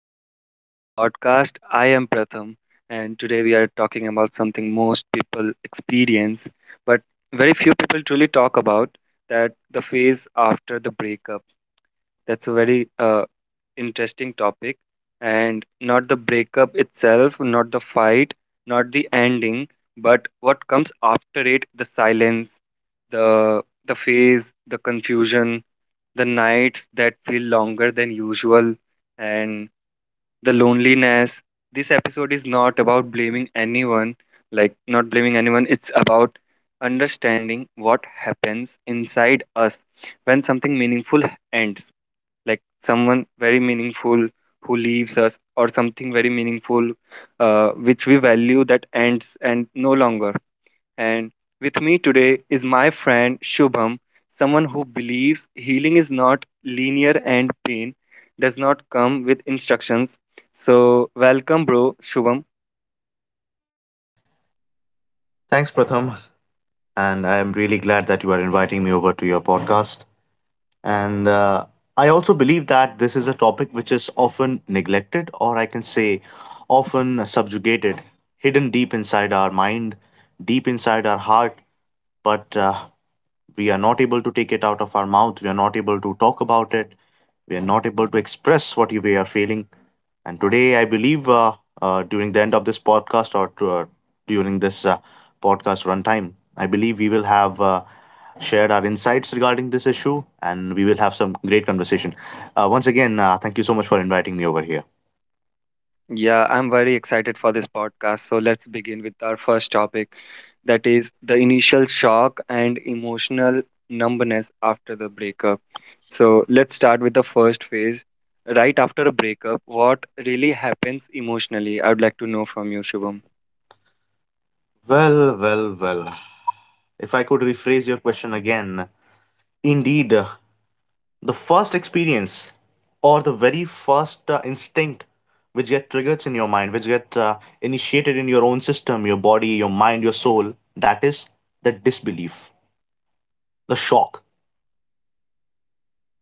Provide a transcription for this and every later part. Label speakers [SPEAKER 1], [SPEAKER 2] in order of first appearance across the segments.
[SPEAKER 1] Welcome back to the podcast. I am Pratham, and today we are talking about something most people experience, but very few people truly talk about that the phase after the breakup. That's a very interesting topic. And not the breakup itself, not the fight, not the ending, but what comes after it the silence, the phase, the confusion, the nights that feel longer than usual, and the loneliness. This episode is not about blaming anyone, like not blaming anyone. It's about understanding what happens inside us when something meaningful ends, like someone very meaningful who leaves us, or something very meaningful which we value that ends and no longer. And with me today is my friend Shubham, someone who believes healing is not linear and pain does not come with instructions. So, welcome, bro, Shubham.
[SPEAKER 2] Thanks, Pratham. And I am really glad that you are inviting me over to your podcast. And I also believe that this is a topic which is often neglected, or I can say often subjugated, hidden deep inside our mind, deep inside our heart, but we are not able to take it out of our mouth. We are not able to talk about it. We are not able to express what we are feeling. And today, I believe during the end of this podcast during this podcast runtime, I believe we will have. Shared our insights regarding this issue, and we will have some great conversation. Once again, thank you so much for inviting me over here.
[SPEAKER 1] Yeah, I'm very excited for this podcast. So, let's begin with our first topic that is the initial shock and emotional numbness after the breakup. So, let's start with the first phase. Right after a breakup, what really happens emotionally? I would like to know from you, Shubham.
[SPEAKER 2] Well, well, well. If I could rephrase your question again, indeed, the first experience or the very first instinct which get triggers in your mind, which get initiated in your own system, your body, your mind, your soul, that is the disbelief, the shock.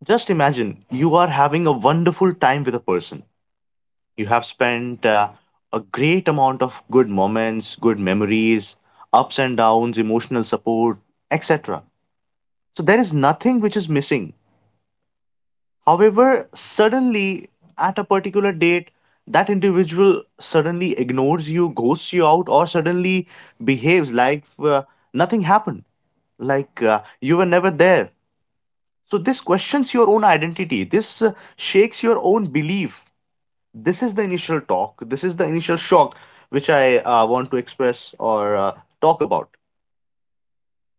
[SPEAKER 2] Just imagine you are having a wonderful time with a person. You have spent a great amount of good moments, good memories, ups and downs, emotional support, etc. So there is nothing which is missing. However, suddenly at a particular date, that individual suddenly ignores you, ghosts you out, or suddenly behaves like nothing happened, like you were never there. So this questions your own identity. This shakes your own belief. This is the initial talk, this is the initial shock which I want to express or talk about,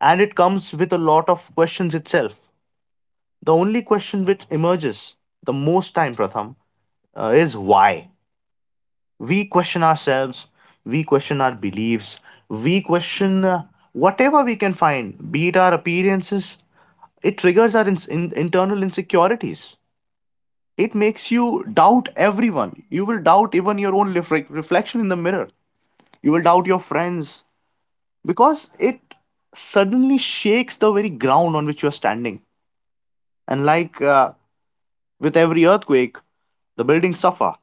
[SPEAKER 2] and it comes with a lot of questions itself. The only question which emerges the most time, Pratham, is why. We question ourselves, we question our beliefs, we question whatever we can find, be it our appearances. It triggers our internal insecurities. It makes you doubt everyone. You will doubt even your own reflection in the mirror. You will doubt your friends because it suddenly shakes the very ground on which you are standing. And like With every earthquake, the buildings suffer,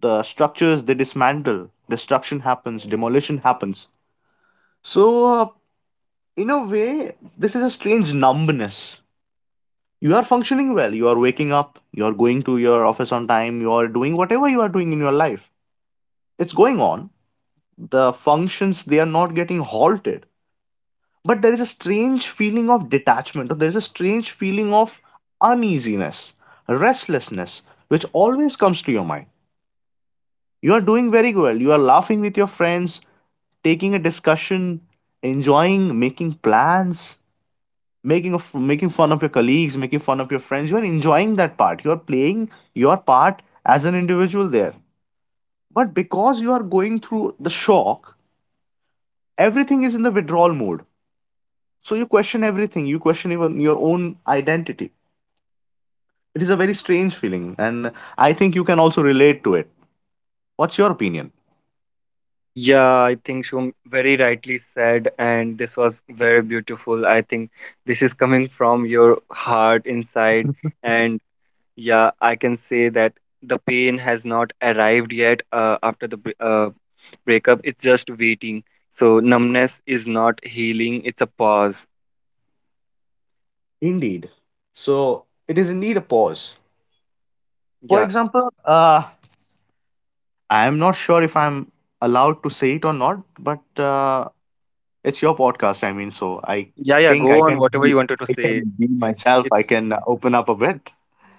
[SPEAKER 2] the structures they dismantle, destruction happens, demolition happens. So, in a way, this is a strange numbness. You are functioning well, you are waking up, you are going to your office on time, you are doing whatever you are doing in your life. It's going on. The functions, they are not getting halted, but there is a strange feeling of detachment, or there is a strange feeling of uneasiness, restlessness, which always comes to your mind. You are doing very well, you are laughing with your friends, taking a discussion, enjoying, making plans, making fun of your colleagues, making fun of your friends. You are enjoying that part, you are playing your part as an individual there, but because you are going through the shock, everything is in the withdrawal mode. So you question everything. You question even your own identity. It is a very strange feeling, and I think you can also relate to it. What's your opinion?
[SPEAKER 1] Yeah, I think Shum very rightly said, and this was very beautiful. I think this is coming from your heart inside, and yeah, I can say that the pain has not arrived yet after the breakup. It's just waiting. So numbness is not healing; it's a pause.
[SPEAKER 2] Indeed. So it is indeed a pause. For
[SPEAKER 1] Yeah,
[SPEAKER 2] example, I am not sure if I'm allowed to say it or not, but it's your podcast. I mean, so I
[SPEAKER 1] yeah, yeah.
[SPEAKER 2] think
[SPEAKER 1] Go on, whatever you wanted to
[SPEAKER 2] I
[SPEAKER 1] say.
[SPEAKER 2] can be myself. I
[SPEAKER 1] It's
[SPEAKER 2] can open up a bit.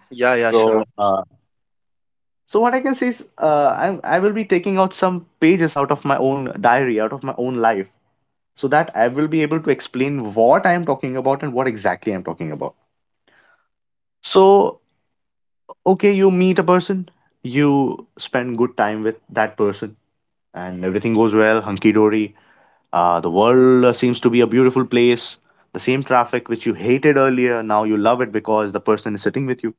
[SPEAKER 1] yeah, yeah, sure.
[SPEAKER 2] So uh, so what I can say is, I will be taking out some pages out of my own diary, out of my own life, so that I will be able to explain what I am talking about and what exactly I'm talking about. So, okay, you meet a person, you spend good time with that person, and everything goes well, hunky dory. The world seems to be a beautiful place. The same traffic which you hated earlier, now you love it because the person is sitting with you,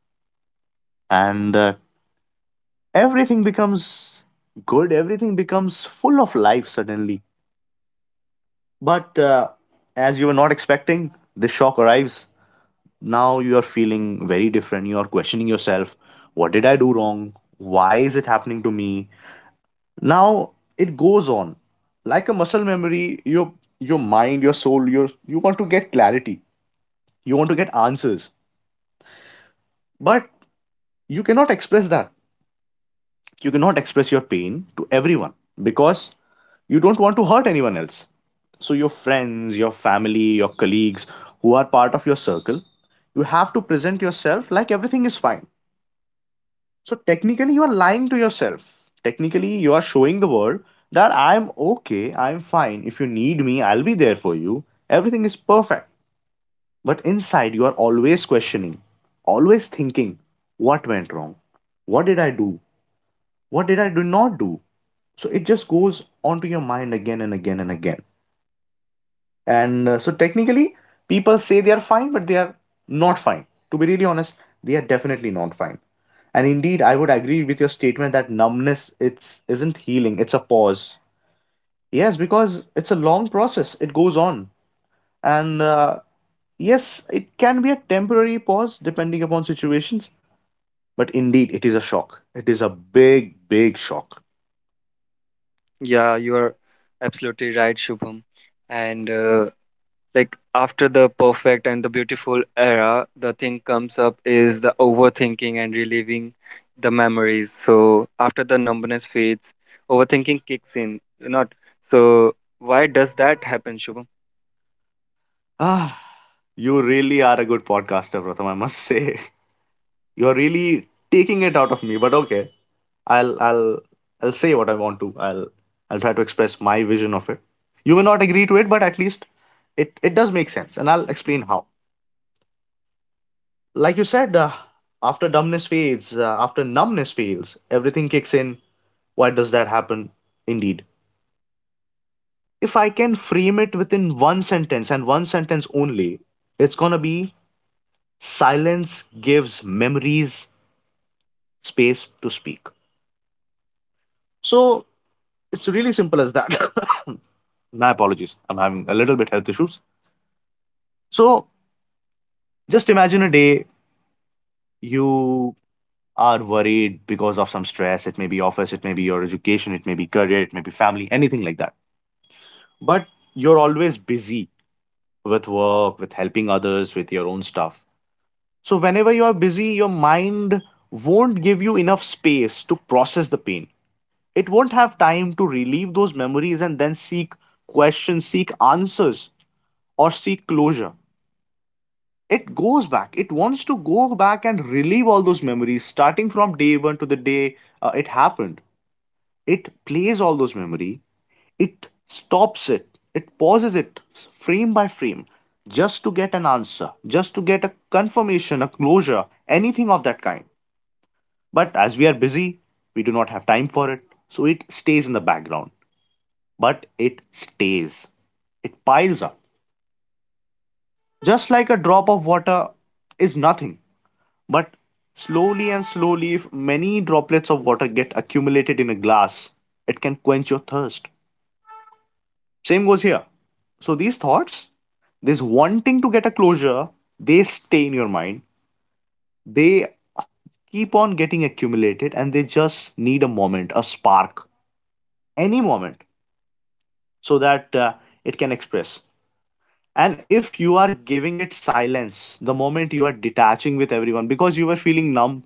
[SPEAKER 2] and everything becomes good, everything becomes full of life suddenly. But as you were not expecting, this shock arrives. Now you are feeling very different, you are questioning yourself. What did I do wrong? Why is it happening to me? Now it goes on like a muscle memory. Your mind, your soul, your, you want to get clarity, you want to get answers, but you cannot express that. You cannot express your pain to everyone because you don't want to hurt anyone else. So your friends, your family, your colleagues, who are part of your circle, you have to present yourself like everything is fine. So technically, you are lying to yourself. Technically, you are showing the world that I'm okay, I'm fine. If you need me, I'll be there for you. Everything is perfect. But inside, you are always questioning, always thinking, what went wrong? What did I do? What did I do not do? So it just goes onto your mind again and again and again. And so technically, people say they are fine, but they are not fine. To be really honest, they are definitely not fine. And indeed, I would agree with your statement that numbness it's isn't healing, it's a pause. Yes, because it's a long process. It goes on. And Yes, it can be a temporary pause depending upon situations, but indeed it is a shock. It is a big, big shock.
[SPEAKER 1] Yeah, you are absolutely right, Shubham. And like after the perfect and the beautiful era, the thing comes up is the overthinking and reliving the memories. So after the numbness fades, overthinking kicks in. Not so, why does that happen, Shubham?
[SPEAKER 2] Ah, you really are a good podcaster, Pratham, I must say. You're really taking it out of me, but okay. I'll I'll I'll say what I want to. I'll try to express my vision of it. You may not agree to it, but at least it does make sense, and I'll explain how. Like you said, uh, After dumbness fades, after numbness fails, everything kicks in. Why does that happen? Indeed, if I can frame it within one sentence and one sentence only, it's gonna be: silence gives memories space to speak. So it's really simple as that. My apologies. I'm having a little bit health issues. So just imagine a day you are worried because of some stress. It may be office, it may be your education, it may be career, it may be family, anything like that. But you're always busy with work, with helping others, with your own stuff. So whenever you are busy, your mind won't give you enough space to process the pain. It won't have time to relieve those memories and then seek questions, seek answers, or seek closure. It goes back. It wants to go back and relive all those memories, starting from day one to the day it happened. It plays all those memory. It stops it. It pauses it frame by frame, just to get an answer, just to get a confirmation, a closure, anything of that kind. But as we are busy, we do not have time for it, so it stays in the background. But it stays. It piles up. Just like a drop of water is nothing, but slowly and slowly, if many droplets of water get accumulated in a glass, it can quench your thirst. Same goes here. So these thoughts, this wanting to get a closure, they stay in your mind. They keep on getting accumulated, and they just need a moment, a spark, any moment, so that it can express. And if you are giving it silence, the moment you are detaching with everyone because you were feeling numb,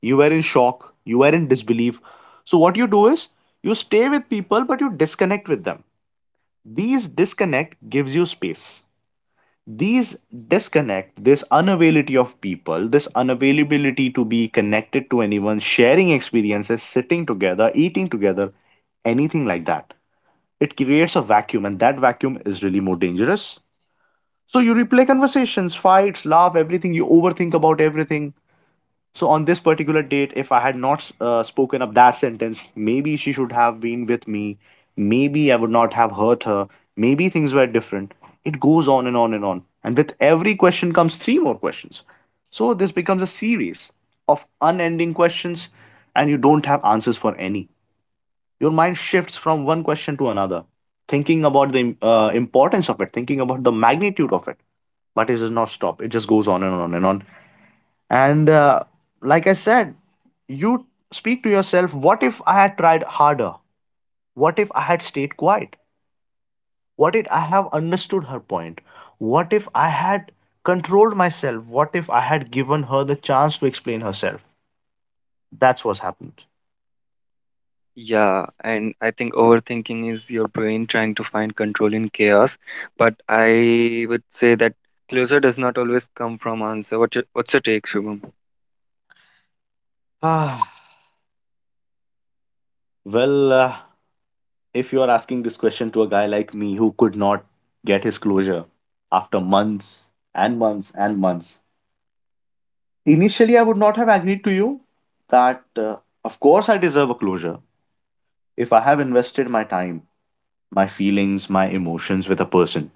[SPEAKER 2] you were in shock, you were in disbelief. So, what you do is you stay with people but you disconnect with them. These disconnect gives you space. These disconnect, this unavailability of people, this unavailability to be connected to anyone, sharing experiences, sitting together, eating together, anything like that, it creates a vacuum, and that vacuum is really more dangerous. So you replay conversations, fights, laugh, everything. You overthink about everything. So on this particular date, if I had not spoken up that sentence, maybe she should have been with me. Maybe I would not have hurt her. Maybe things were different. It goes on and on and on. And with every question comes three more questions. So this becomes a series of unending questions, and you don't have answers for any. Your mind shifts from one question to another, thinking about the importance of it, thinking about the magnitude of it, but it does not stop. It just goes on and on and on. And Like I said, you speak to yourself. What if I had tried harder? What if I had stayed quiet? What if I have understood her point? What if I had controlled myself? What if I had given her the chance to explain herself? That's what's happened.
[SPEAKER 1] Yeah, and I think overthinking is your brain trying to find control in chaos, but I would say that closure does not always come from answer. What's your take, Shubham?
[SPEAKER 2] Ah, well, if you are asking this question to a guy like me who could not get his closure after months and months and months, initially I would not have agreed to you that, of course, I deserve a closure. If I have invested my time, my feelings, my emotions with a person,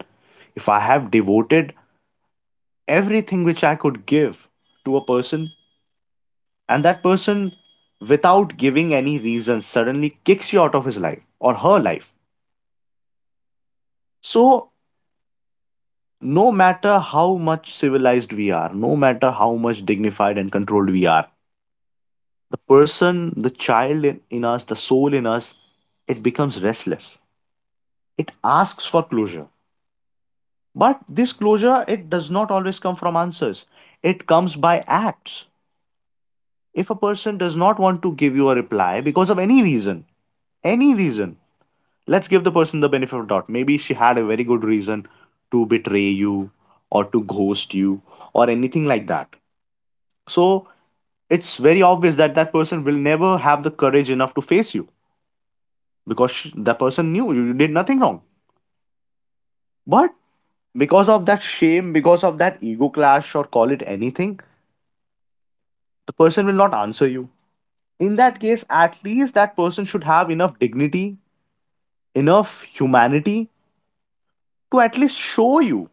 [SPEAKER 2] if I have devoted everything which I could give to a person, and that person, without giving any reason, suddenly kicks you out of his life or her life. So, no matter how much civilized we are, no matter how much dignified and controlled we are, the person, the child in us, the soul in us, it becomes restless. It asks for closure. But this closure, it does not always come from answers, it comes by acts. If a person does not want to give you a reply because of any reason, let's give the person the benefit of doubt. Maybe she had a very good reason to betray you, or to ghost you, or anything like that. So it's very obvious that that person will never have the courage enough to face you, because that person knew you did nothing wrong. But because of that shame, because of that ego clash, or call it anything, the person will not answer you. In that case, at least that person should have enough dignity, enough humanity to at least show you.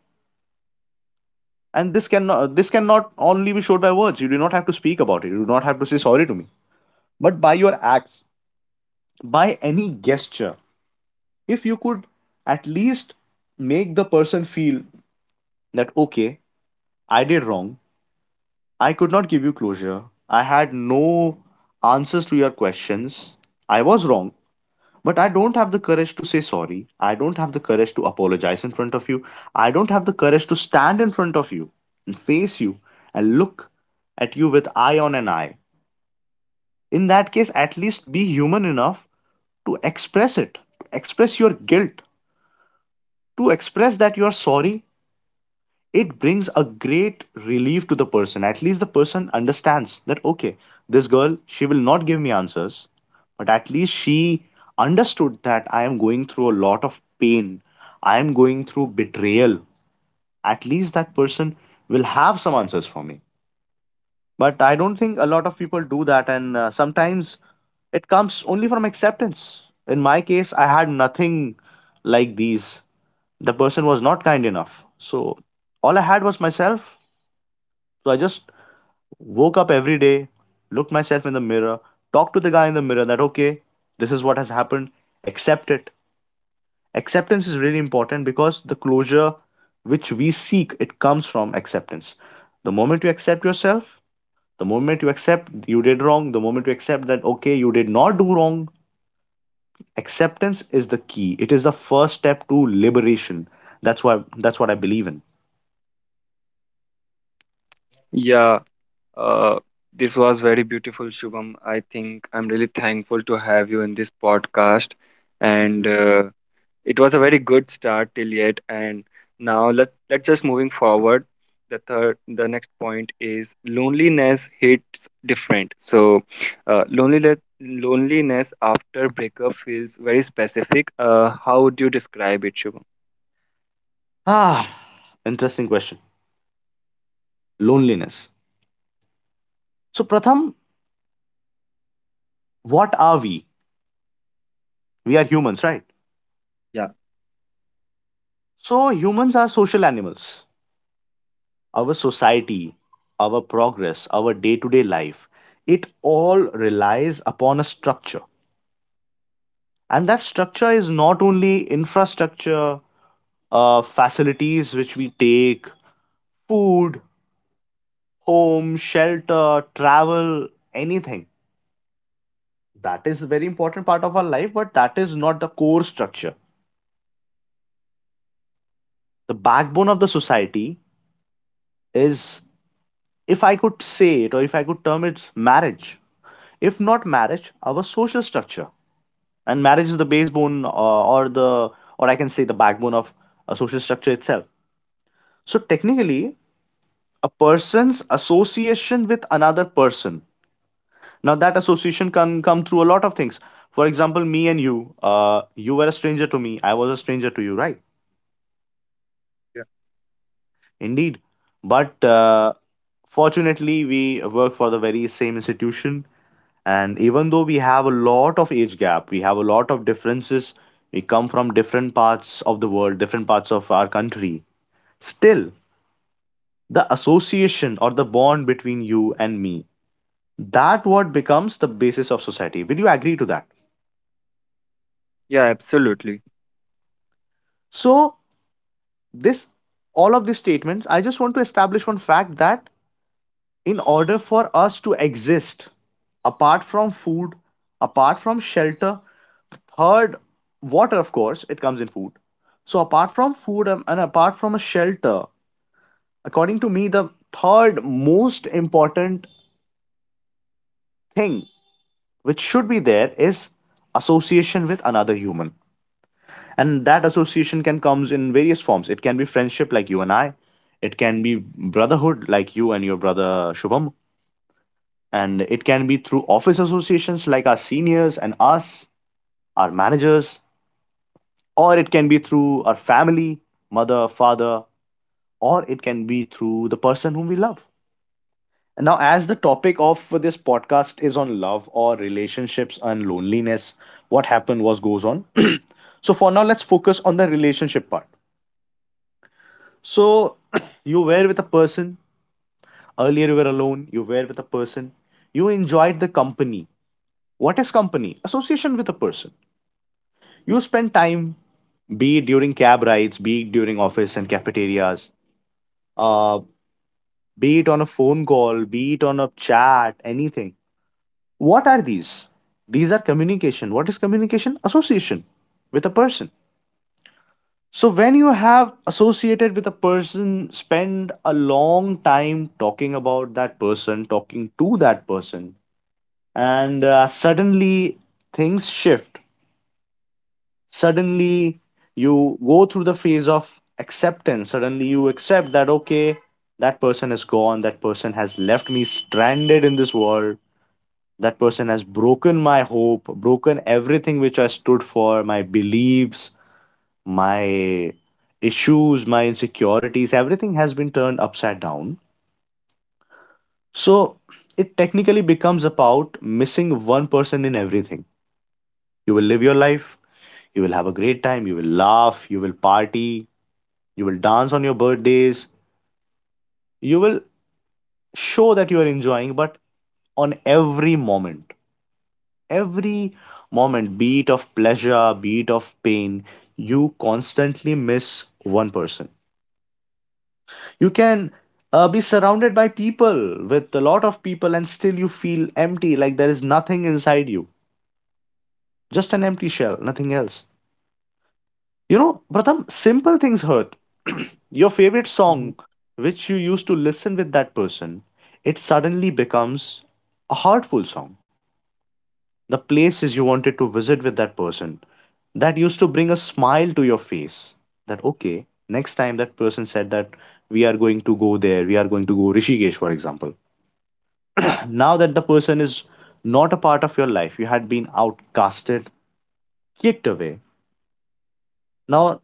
[SPEAKER 2] And this cannot only be showed by words. You do not have to speak about it. You do not have to say sorry to me. But by your acts, by any gesture, if you could at least make the person feel that, okay, I did wrong, I could not give you closure, I had no answers to your questions, I was wrong, but I don't have the courage to say sorry, I don't have the courage to apologize in front of you, I don't have the courage to stand in front of you and face you and look at you with eye on an eye. In that case, at least be human enough to express it, to express your guilt, to express that you are sorry. It brings a great relief to the person. At least the person understands that, okay, this girl, she will not give me answers, but at least she understood that I am going through a lot of pain, I am going through betrayal. At least that person will have some answers for me. But I don't think a lot of people do that, and sometimes it comes only from acceptance. In my case, I had nothing like these. The person was not kind enough. So all I had was myself. So I just woke up every day, looked myself in the mirror, talked to the guy in the mirror that, okay, this is what has happened, accept it. Acceptance is really important because the closure which we seek, it comes from acceptance. The moment you accept yourself, the moment you accept you did wrong, the moment you accept that, okay, you did not do wrong, acceptance is the key. It is the first step to liberation. That's what I believe in.
[SPEAKER 1] Yeah, uh, this was very beautiful, Shubham. I think I'm really thankful to have you in this podcast, and it was a very good start till yet. And now let's just moving forward. The third, the next point is loneliness hits different. So, loneliness after breakup feels very specific. How would you describe it, Shubham?
[SPEAKER 2] Ah, interesting question. Loneliness. So Pratham, what are we? We are humans, right?
[SPEAKER 1] Yeah,
[SPEAKER 2] So, humans are social animals. Our society, our progress, our day to day life, it all relies upon a structure. And that structure is not only infrastructure, facilities which we take, food, home, shelter, travel, anything. That is a very important part of our life, but that is not the core structure. The backbone of the society is, if I could say it or if I could term it, marriage. If not marriage, our social structure. And marriage is the backbone or the, or I can say the backbone of a social structure itself. So technically, a person's association with another person. Now that association can come through a lot of things. For example, me and you, you were a stranger to me, I was a stranger to you, right?
[SPEAKER 1] yeah,
[SPEAKER 2] Indeed. But fortunately, we work for the very same institution. And even though we have a lot of age gap, we have a lot of differences, we come from different parts of the world, different parts of our country. Still, the association or the bond between you and me, that what becomes the basis of society. Will you agree to that?
[SPEAKER 1] yeah, absolutely.
[SPEAKER 2] So, this, all of these statements, I just want to establish one fact that in order for us to exist, apart from food, apart from shelter, third, water, of course it comes in food, so apart from food, and apart from a shelter, according to me, the third most important thing which should be there is association with another human. And that association can comes in various forms. It can be friendship, like you and I. It can be brotherhood, like you and your brother, Shubham. And it can be through office associations, like our seniors and us, our managers, or it can be through our family, mother, father, or it can be through the person whom we love. And now, as the topic of this podcast is on love or relationships and loneliness, what happened was goes on. So, for now, let's focus on the relationship part. So, you were with a person, earlier you were alone, you were with a person, you enjoyed the company. What is company? Association with a person. You spend time, be it during cab rides, be it during office and cafeterias, uh, be it on a phone call, be it on a chat, anything. What are these? These are communication. What is communication? Association with a person. So when you have associated with a person, spend a long time talking about that person, talking to that person, and suddenly things shift. Suddenly you go through the phase of acceptance. Suddenly you accept that, okay, that person is gone, that person has left me stranded in this world, that person has broken my hope, broken everything which I stood for, my beliefs, my issues, my insecurities, everything has been turned upside down. So it technically becomes about missing one person in everything. You will live your life, you will have a great time, you will laugh, you will party, you will dance on your birthdays, you will show that you are enjoying, but on every moment, be it of pleasure, be it of pain, you constantly miss one person. You can be surrounded by people, with a lot of people, and still you feel empty, like there is nothing inside you, just an empty shell, nothing else. You know, Pratham, simple things hurt. Your favorite song, which you used to listen with that person, it suddenly becomes a heartful song. The places you wanted to visit with that person, that used to bring a smile to your face. That, okay, next time that person said that we are going to go there, we are going to go Rishikesh, for example. Now that the person is not a part of your life, you had been outcasted, kicked away. Now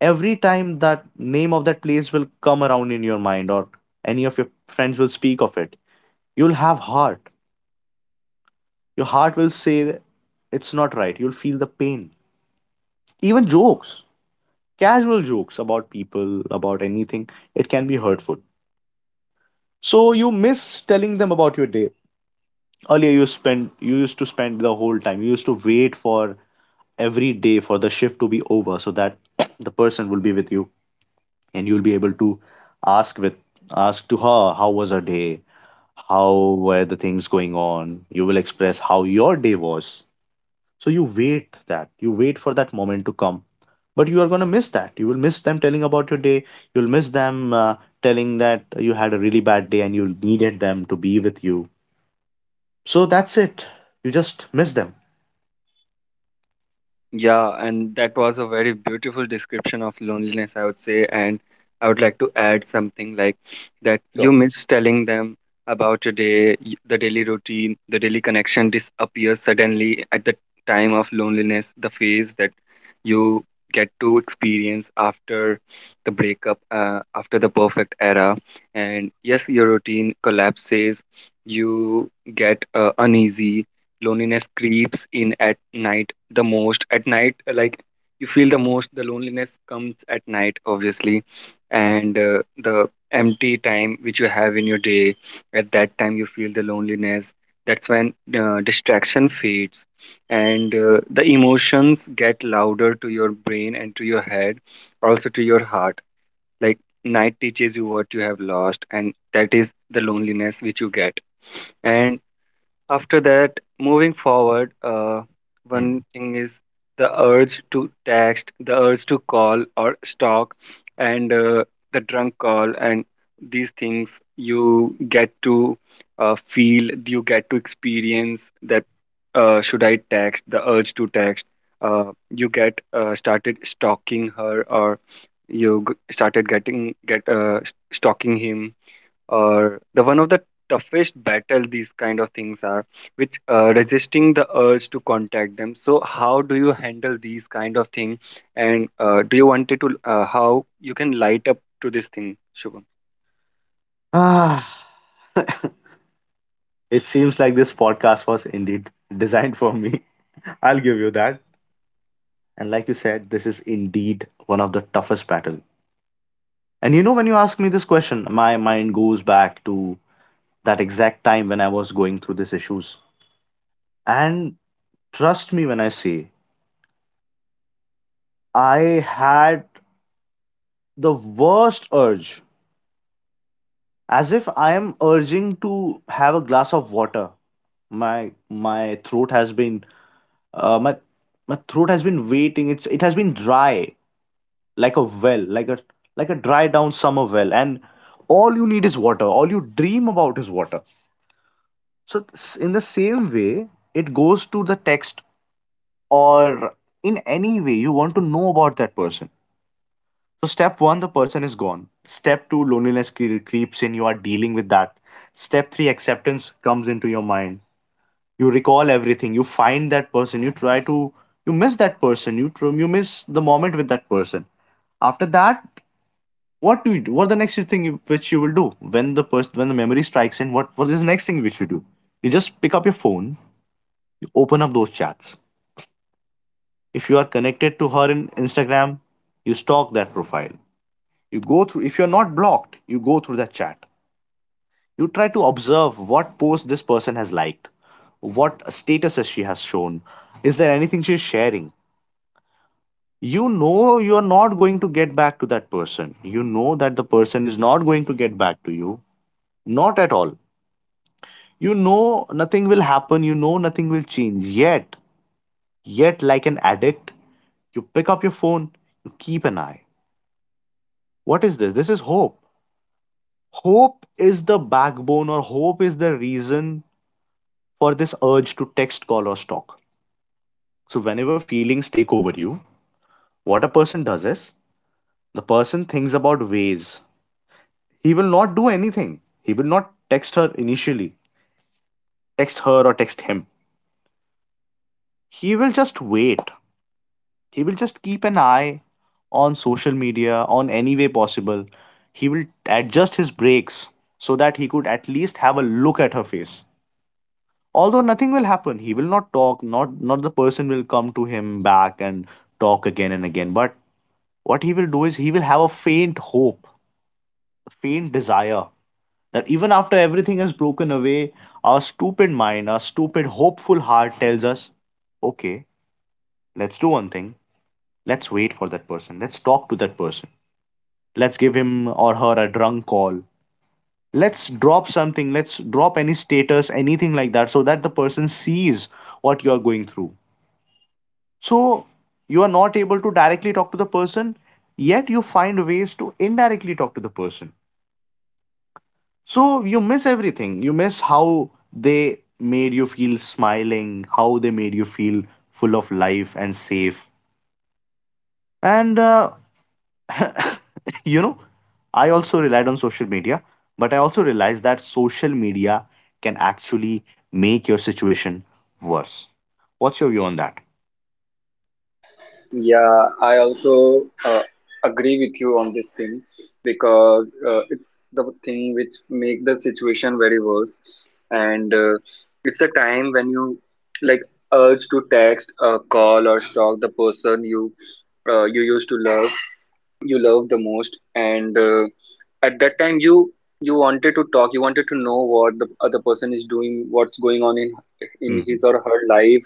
[SPEAKER 2] every time that name of that place will come around in your mind, or any of your friends will speak of it, you'll have heart, your heart will say that it's not right, you'll feel the pain. Even jokes, casual jokes about people, about anything, it can be hurtful. So you miss telling them about your day. Earlier you spend, you used to spend the whole time, you used to wait for every day for the shift to be over so that the person will be with you and you'll be able to ask with, ask to her, how was her day, how were the things going on. You will express how your day was. So you wait, that you wait for that moment to come. But you are going to miss that. You will miss them telling about your day. You'll miss them telling that you had a really bad day and you needed them to be with you. So that's it. You just miss them.
[SPEAKER 1] Yeah, and that was a very beautiful description of loneliness, I would say. And I would like to add something like that
[SPEAKER 2] Sure.
[SPEAKER 1] you miss telling them about your day, the daily routine, the daily connection disappears suddenly at the time of loneliness, the phase that you get to experience after the breakup, after the perfect era. And yes, your routine collapses, you get uneasy, loneliness creeps in at night, the most at night. Like, you feel the most the loneliness comes at night, obviously. And the empty time which you have in your day, at that time you feel the loneliness. That's when distraction fades and the emotions get louder to your brain and to your head, also to your heart. Like, night teaches you what you have lost, and that is the loneliness which you get. And after that, moving forward, one
[SPEAKER 2] Mm.
[SPEAKER 1] thing is the urge to text, the urge to call or stalk, and the drunk call, and these things you get to feel, you get to experience that should I text, the urge to text. You get started stalking her, or you g- started getting get s- stalking him, or the one of the toughest battle these kind of things are, which resisting the urge to contact them. So how do you handle these kind of thing? And do you wanted to how you can light up to this thing, Shubham?
[SPEAKER 2] Ah, it seems like this podcast was indeed designed for me. I'll give you that. And like you said, this is indeed one of the toughest battle. And you know, when you ask me this question, my mind goes back to that exact time when I was going through these issues. And trust me when I say, I had the worst urge, as if I am urging to have a glass of water. My throat has been my my throat has been waiting. It's, it has been dry like a well, like a dry down summer well, and all you need is water. All you dream about is water. So in the same way, it goes to the text or in any way you want to know about that person. So step one, the person is gone. Step two, loneliness creeps in. You are dealing with that. Step three, acceptance comes into your mind. You recall everything. You find that person. You try to. You miss that person. You miss the moment with that person after that, what do you do? What the next thing you, which you will do when the person, when the memory strikes in? What is the next thing which you do? You just pick up your phone, you open up those chats. If you are connected to her in Instagram, you stalk that profile. You go through. If you are not blocked, you go through that chat. You try to observe what post this person has liked, what statuses she has shown. Is there anything she is sharing? You know you are not going to get back to that person. You know that the person is not going to get back to you. Not at all. You know nothing will happen, you know nothing will change. Yet, yet, like an addict, you pick up your phone, you keep an eye. What is this? This is hope. Hope is the backbone, or hope is the reason for this urge to text, call, or stalk. So, whenever feelings take over you, what a person does is the person thinks about ways. He will not do anything. He will not text her initially, text her, or text him. He will just wait. He will just keep an eye on social media, on any way possible. He will adjust his brakes so that he could at least have a look at her face. Although nothing will happen, he will not talk, not the person will come to him back and talk again and again. But what he will do is he will have a faint hope, a faint desire that even after everything has broken away, our stupid mind, our stupid hopeful heart tells us, okay, let's do one thing. Let's wait for that person. Let's talk to that person. Let's give him or her a drunk call. Let's drop something. Let's drop any status, anything like that, so that the person sees what you're going through. So you are not able to directly talk to the person, yet you find ways to indirectly talk to the person. So you miss everything. You miss how they made you feel smiling, how they made you feel full of life and safe. And you know, I also relied on social media, but I also realized that social media can actually make your situation worse. What's your view on that?
[SPEAKER 1] Yeah, I also uh, agree with you on this thing, because it's the thing which make the situation very worse, and it's a time when you, like, urge to text, call, or stalk the person you you used to love, you love the most. And at that time you, you wanted to talk, you wanted to know what the other person is doing, what's going on in
[SPEAKER 2] Hmm.
[SPEAKER 1] his or her life.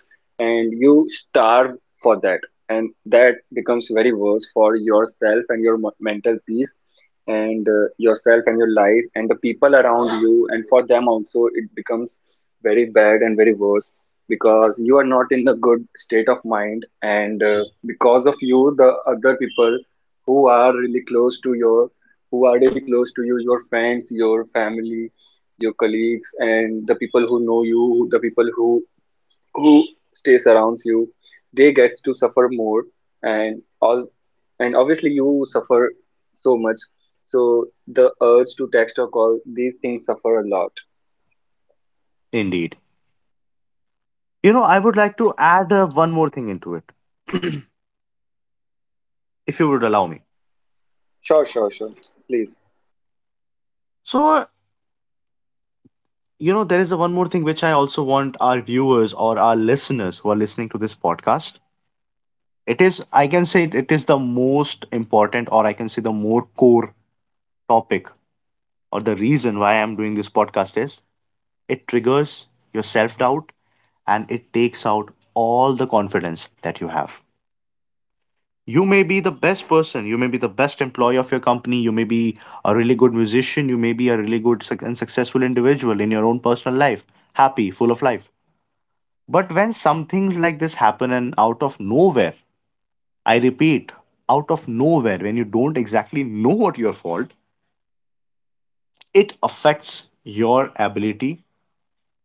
[SPEAKER 1] And you starve for that, and that becomes very worse for yourself and your mental peace. And yourself and your life and the people around you, and for them also it becomes very bad and very worse, because you are not in a good state of mind. And because of you, the other people who are really close to your, who are really close to you, your friends, your family, your colleagues, and the people who know you, the people who stays around you, they get to suffer more. And all, and obviously you suffer so much. So the urge to text or call, these things suffer a lot.
[SPEAKER 2] Indeed. You know, I would like
[SPEAKER 1] And-
[SPEAKER 2] to add one more thing into it, if you would allow me.
[SPEAKER 1] sure, sure, sure, please.
[SPEAKER 2] So, you know, there is a one more thing which I also want our viewers or our listeners who are listening to this podcast. It is, I can say, it is the most important, or I can say, the more core topic or the reason why I'm doing this podcast is, it triggers your self doubt and it takes out all the confidence that you have. You may be the best person, you may be the best employee of your company, you may be a really good musician, you may be a really good and successful individual in your own personal life, happy, full of life. But when some things like this happen and out of nowhere, I repeat, out of nowhere, when you don't exactly know what your fault, it affects your ability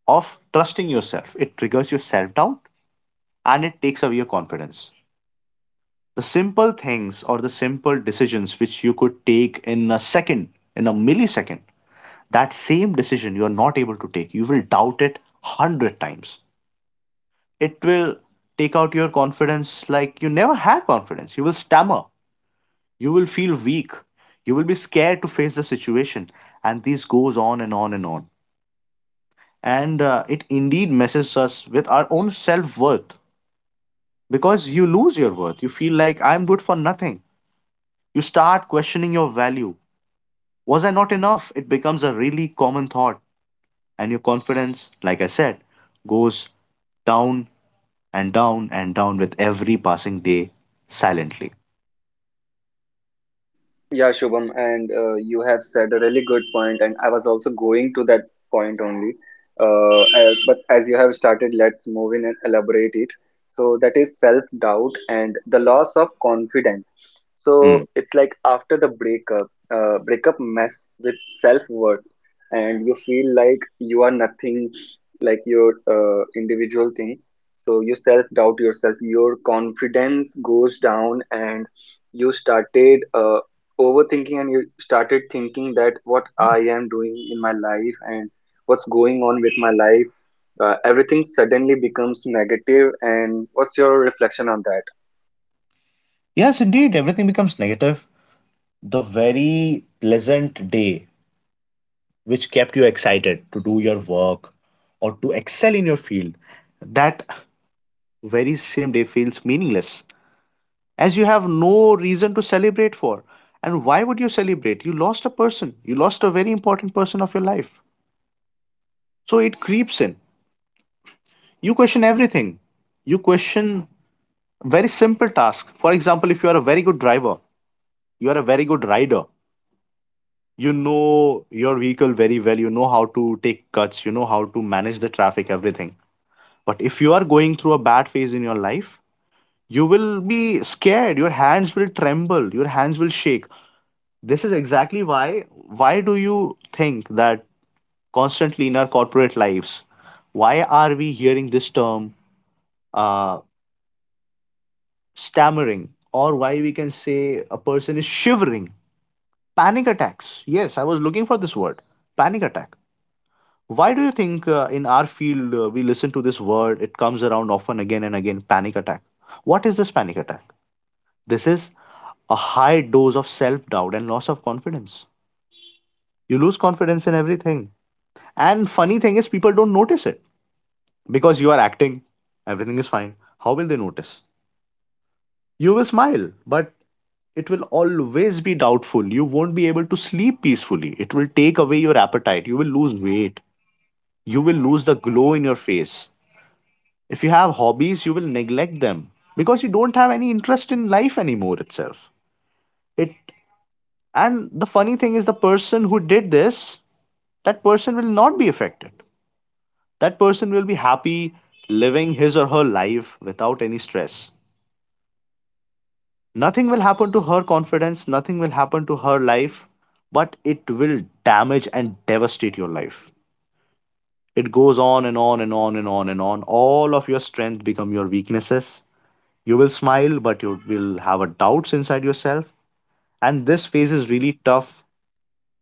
[SPEAKER 2] of trusting yourself. It triggers your self doubt and it takes away your confidence. The simple things or the simple decisions which you could take in a second, in a millisecond, that same decision you are not able to take, you will doubt it 100 times. It will take out your confidence like you never had confidence. You will stammer, you will feel weak, you will be scared to face the situation, and this goes on and on and on. And It indeed messes us with our own self worth because you lose your worth. You feel like I'm good for nothing. You start questioning your value. Was I not enough? It becomes a really common thought, and your confidence, like I said, goes down and down and down with every passing day silently.
[SPEAKER 1] Yeah, Shubham, and you have said a really good point, and I was also going to that point only. As, but as you have started, let's move in and elaborate it. So that is self-doubt and the loss of confidence. So
[SPEAKER 2] Hmm.
[SPEAKER 1] it's like after the breakup, breakup mess with self-worth, and you feel like you are nothing, like your individual thing. So you self-doubt yourself, your confidence goes down, and you started. Overthinking, and you started thinking that what I am doing in my life and what's going on with my life, everything suddenly becomes negative. And what's your reflection on that?
[SPEAKER 2] Yes, indeed, everything becomes negative. The very pleasant day which kept you excited to do your work or to excel in your field, that very same day feels meaningless, as you have no reason to celebrate for. And why would you celebrate? You lost a person, you lost a very important person of your life. So it creeps in. You question everything. You question very simple tasks. For example, if you are a very good driver, you are a very good rider, you know your vehicle very well, you know how to take cuts, you know how to manage the traffic, everything. But if you are going through a bad phase in your life, you will be scared, your hands will tremble, your hands will shake. This is exactly why. Why do you think that constantly in our corporate lives, why are we hearing this term uh, stammering, or why we can say a person is shivering? Panic attacks. Yes, I was looking for this word. Panic attack. Why do you think in our field we listen to this word? It comes around often again and again, panic attack. What is this panic attack? This is a high dose of self doubt and loss of confidence. You lose confidence in everything. And funny thing is, people don't notice it because you are acting, everything is fine. How will they notice? You will smile, but it will always be doubtful. You won't be able to sleep peacefully. It will take away your appetite. You will lose weight. You will lose the glow in your face. If you have hobbies, you will neglect them because you don't have any interest in life anymore itself. It, and the funny thing is the person who did this, that person will not be affected. That person will be happy living his or her life without any stress. Nothing will happen to her confidence, nothing will happen to her life, but it will damage and devastate your life. It goes on and on and on and on and on. All of your strength become your weaknesses. You will smile, but you will have a doubts inside yourself. And this phase is really tough.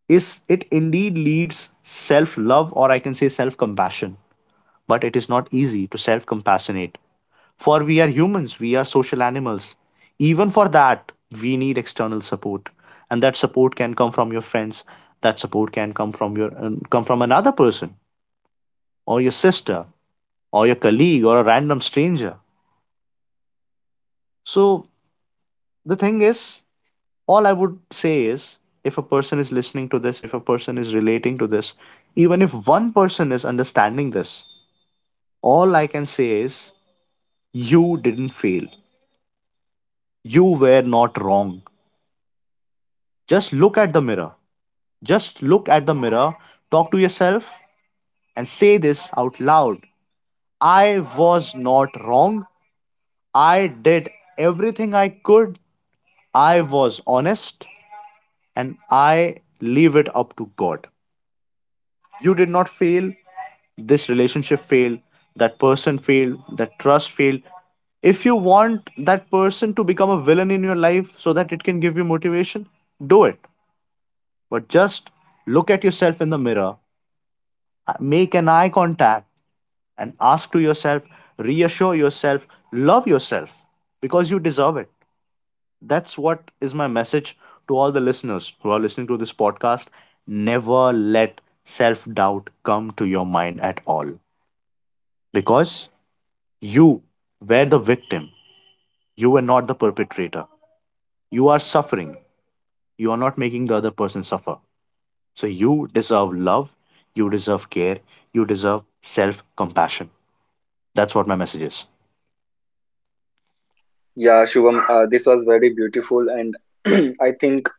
[SPEAKER 2] Is it indeed leads self-love, or I can say self-compassion, but it is not easy to self-compassionate. For we are humans, we are social animals. Even for that, we need external support. And that support can come from your friends, that support can come from your come from another person or your sister or your colleague or a random stranger. So the thing is, all I would say is if a person is listening to this, if a person is relating to this, even if one person is understanding this, all I can say is you didn't fail. You were not wrong. Just look at the mirror. Just look at the mirror, talk to yourself, and say this out loud. I was not wrong. I did everything I could. I was honest, and I leave it up to God. You did not fail. This relationship failed. That person failed. That trust failed. If you want that person to become a villain in your life so that it can give you motivation, do it. But just look at yourself in the mirror. Make an eye contact, and ask to yourself, reassure yourself, love yourself because you deserve it. That's what is my message to all the listeners who are listening to this podcast. Never let self doubt come to your mind at all because you were the victim, you were not the perpetrator. You are suffering, you are not making the other person suffer. So you deserve love, you deserve care, you deserve self compassion. That's what my message is.
[SPEAKER 1] Yeah, Shubham, this was very beautiful, and I think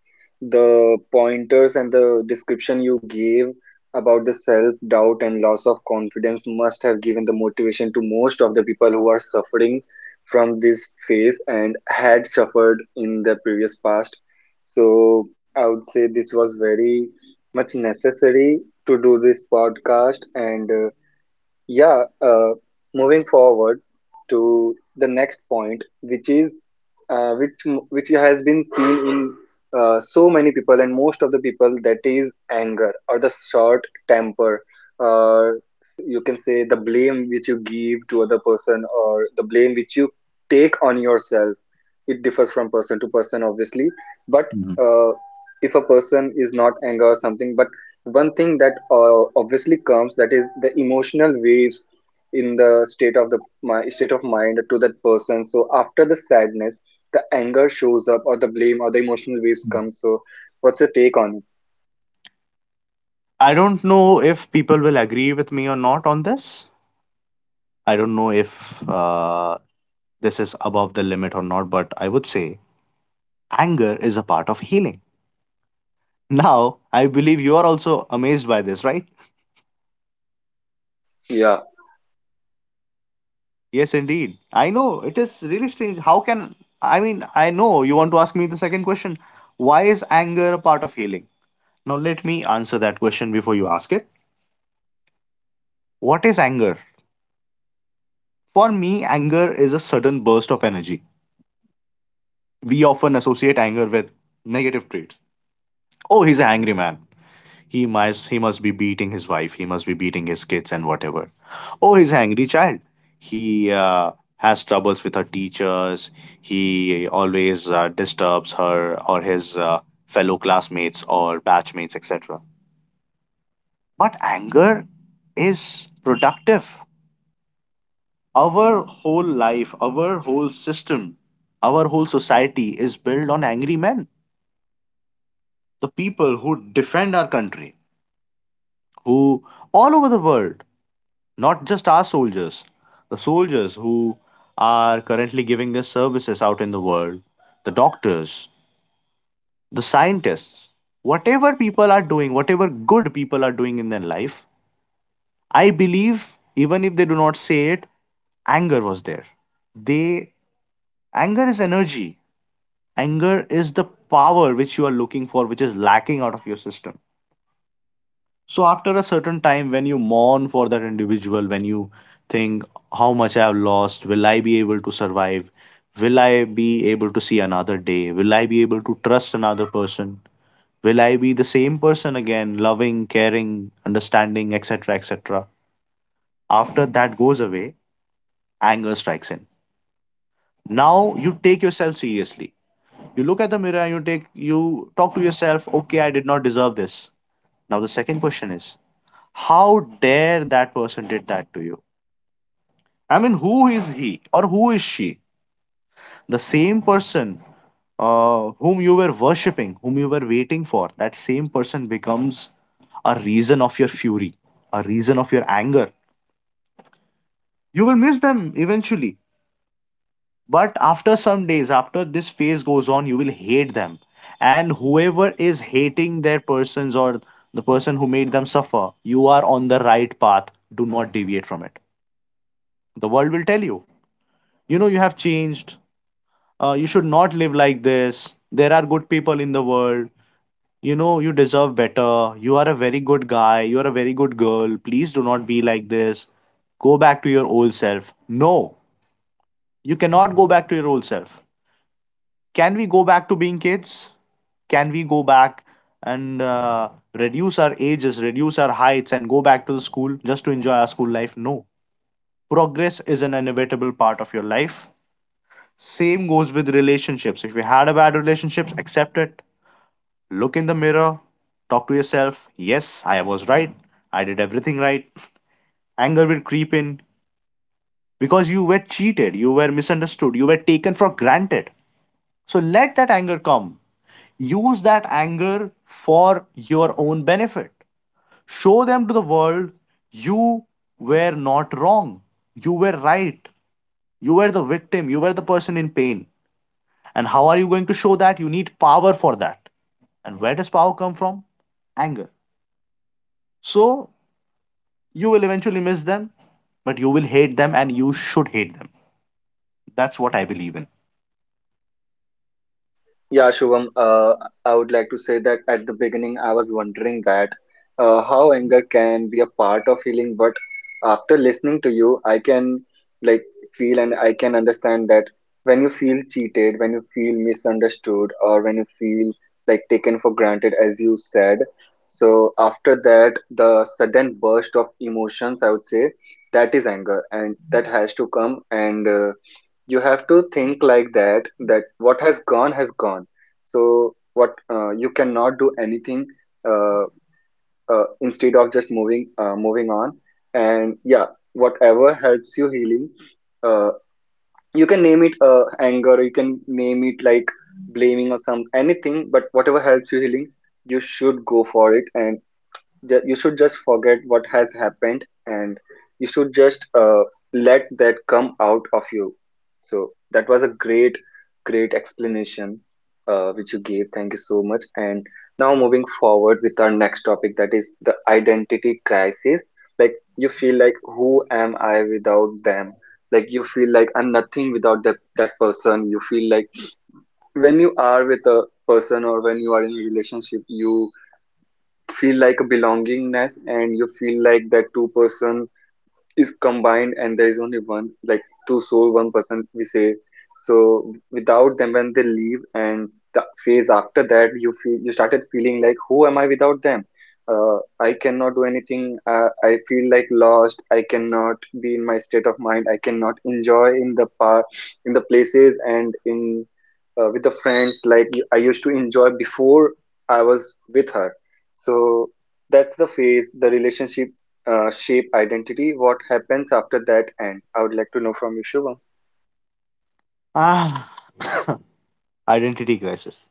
[SPEAKER 1] the pointers and the description you gave about the self-doubt and loss of confidence must have given the motivation to most of the people who are suffering from this phase and had suffered in the previous past. So I would say this was very much necessary to do this podcast, and yeah, moving forward to the next point, which is which has been seen in so many people and most of the people, that is anger or the short temper, or you can say the blame which you give to other person, or the blame which you take on yourself. It differs from person to person, obviously. But
[SPEAKER 2] Mhm.
[SPEAKER 1] uh, if a person is not anger or something, but one thing that obviously comes, that is the emotional waves in the state of the my state of mind to that person. So after the sadness, the anger shows up, or the blame, or the emotional waves come. So what's your take on it?
[SPEAKER 2] I don't know if people will agree with me or not on this. I don't know if uh, this is above the limit or not, but I would say anger is a part of healing. Now, I believe you are also amazed by this, right?
[SPEAKER 1] Yeah.
[SPEAKER 2] Yes, indeed. I know it is really strange. How can, I mean, I know you want to ask me the second question. Why is anger a part of healing? Now, let me answer that question before you ask it. What is anger? For me, anger is a sudden burst of energy. We often associate anger with negative traits. Oh, he's an angry man. He must be beating his wife. He must be beating his kids and whatever. Oh, he's an angry child. He has troubles with her teachers. He always disturbs her or his fellow classmates or batchmates, etc. But anger is productive. Our whole life, our whole system, our whole society is built on angry men, the people who defend our country, who, all over the world, not just our soldiers, the soldiers who are currently giving their services out in the world, the doctors, the scientists, whatever people are doing, whatever good people are doing in their life, I believe, even if they do not say it, anger was there. They Anger is energy. Anger is the power which you are looking for, which is lacking out of your system. So after a certain time, when you mourn for that individual, when you think, how much I've lost, will I be able to survive? Will I be able to see another day? Will I be able to trust another person? Will I be the same person again, loving, caring, understanding, etc., etc.? After that goes away, anger strikes in. Now you take yourself seriously. You look at the mirror and you talk to yourself, okay, I did not deserve this. Now the second question is, how dare that person did that to you? I mean, who is he or who is she? The same person whom you were worshipping, whom you were waiting for, that same person becomes a reason of your fury, a reason of your anger. You will miss them eventually. But after some days, after this phase goes on, you will hate them. And whoever is hating their persons or the person who made them suffer, you are on the right path. Do not deviate from it. The world will tell you, you know you have changed, you should not live like this, there are good people in the world, you know you deserve better, you are a very good guy, you are a very good girl, please do not be like this, go back to your old self. No, you cannot go back to your old self. Can we go back to being kids? Can we go back and reduce our ages, reduce our heights and go back to the school just to enjoy our school life? No, progress is an inevitable part of your life. Same goes with relationships. If you had a bad relationship, accept it. Look in the mirror. Talk to yourself. Yes, I was right. I did everything right. Anger will creep in because you were cheated, you were misunderstood, you were taken for granted. So let that anger come. Use that anger for your own benefit. Show them to the world you were not wrong. You were right. You were the victim. You were the person in pain. And how are you going to show that? You need power for that. And where does power come from? Anger. So you will eventually miss them, but you will hate them and you should hate them. That's what I believe in.
[SPEAKER 1] Yeah, Shubham, I would like to say that at the beginning, I was wondering that how anger can be a part of healing, but after listening to you, I can, like, feel and I can understand that when you feel cheated, when you feel misunderstood, or when you feel like taken for granted, as you said. So after that, the sudden burst of emotions, I would say, that is anger, and that has to come. And you have to think like that, that what has gone has gone. So what, you cannot do anything, uh, instead of just moving on. And yeah, whatever helps you healing, uh, you can name it anger, you can name it like blaming or some anything, but whatever helps you healing, you should go for it. And you should just forget what has happened, and you should just let that come out of you. So that was a great explanation which you gave. Thank you so much. And now moving forward with our next topic, that is the identity crisis. Like, you feel like who am I without them, like you feel like I'm nothing without that person. You feel like when you are with a person or when you are in a relationship, you feel like a belongingness, and you feel like that two person is combined and there is only one, like two soul one person, we say. So without them when they leave, and the phase after that, you feel you started feeling like who am I without them. I cannot do anything, I feel like lost, I cannot be in my state of mind, I cannot enjoy in the park, in the places, and in with the friends like I used to enjoy before I was with her. So that's the phase, the relationship shape identity. What happens after that end? I would like to know from you, Shubham.
[SPEAKER 2] Ah, identity crisis.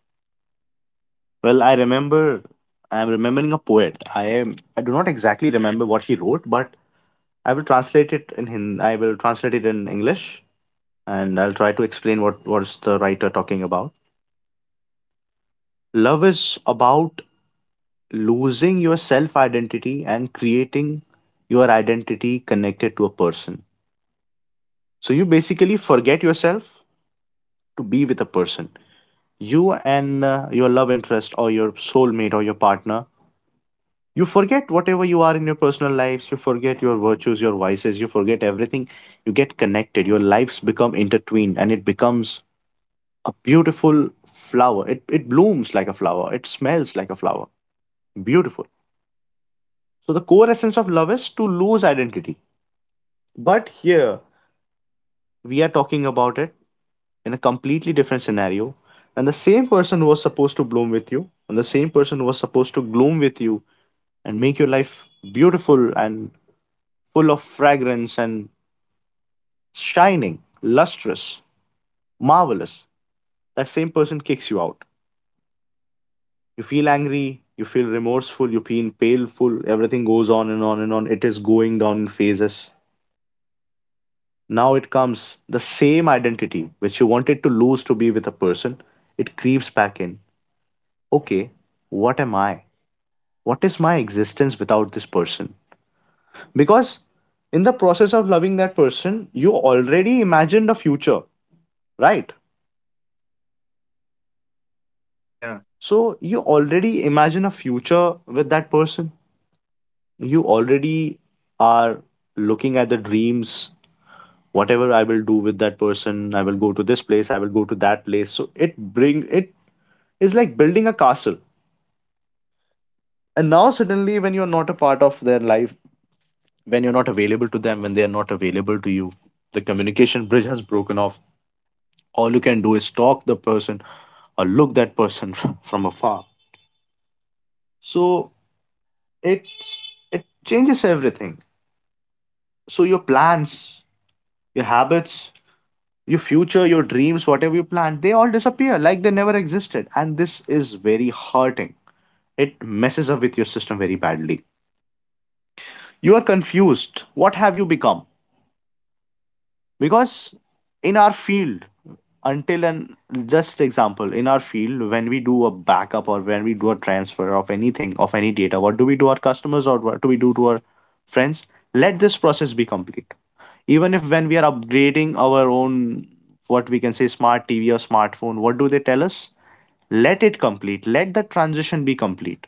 [SPEAKER 2] Well, I remember, I'm remembering a poet. I do not exactly remember what he wrote, but I will translate it in Hindi. I will translate it in English and I'll try to explain what was the writer talking about. Love is about losing your self identity and creating your identity connected to a person. So you basically forget yourself to be with a person. You and your love interest or your soulmate or your partner, you forget whatever you are in your personal lives, you forget your virtues, your vices, you forget everything. You get connected, your lives become intertwined and it becomes a beautiful flower. It blooms like a flower, it smells like a flower. Beautiful. So the core essence of love is to lose identity. But here, we are talking about it in a completely different scenario. And the same person who was supposed to bloom with you, and the same person who was supposed to gloom with you and make your life beautiful and full of fragrance and shining, lustrous, marvelous, that same person kicks you out. You feel angry, you feel remorseful, you feel paleful, everything goes on and on and on. It is going down in phases. Now it comes the same identity which you wanted to lose to be with a person, it creeps back in. Okay, what am I? What is my existence without this person? Because in the process of loving that person, you already imagined a future, right?
[SPEAKER 1] Yeah,
[SPEAKER 2] So you already imagine a future with that person. You already are looking at the dreams, whatever I will do with that person, I will go to this place, I will go to that place, so it is like building a castle. And now, suddenly, when you're not a part of their life, when you're not available to them, when they're not available to you, the communication bridge has broken off. All you can do is stalk the person or look that person from afar. So it it changes everything. So your plans, your habits, your future, your dreams, whatever you planned, they all disappear like they never existed. And this is very hurting. It messes up with your system very badly. You are confused. What have you become? Because in our field, until and just example, in our field, when we do a backup or when we do a transfer of anything of any data, what do we do our customers, or what do we do to our friends? Let this process be complete. Even if when we are upgrading our own, what we can say, smart TV or smartphone, what do they tell us? Let it complete, let the transition be complete.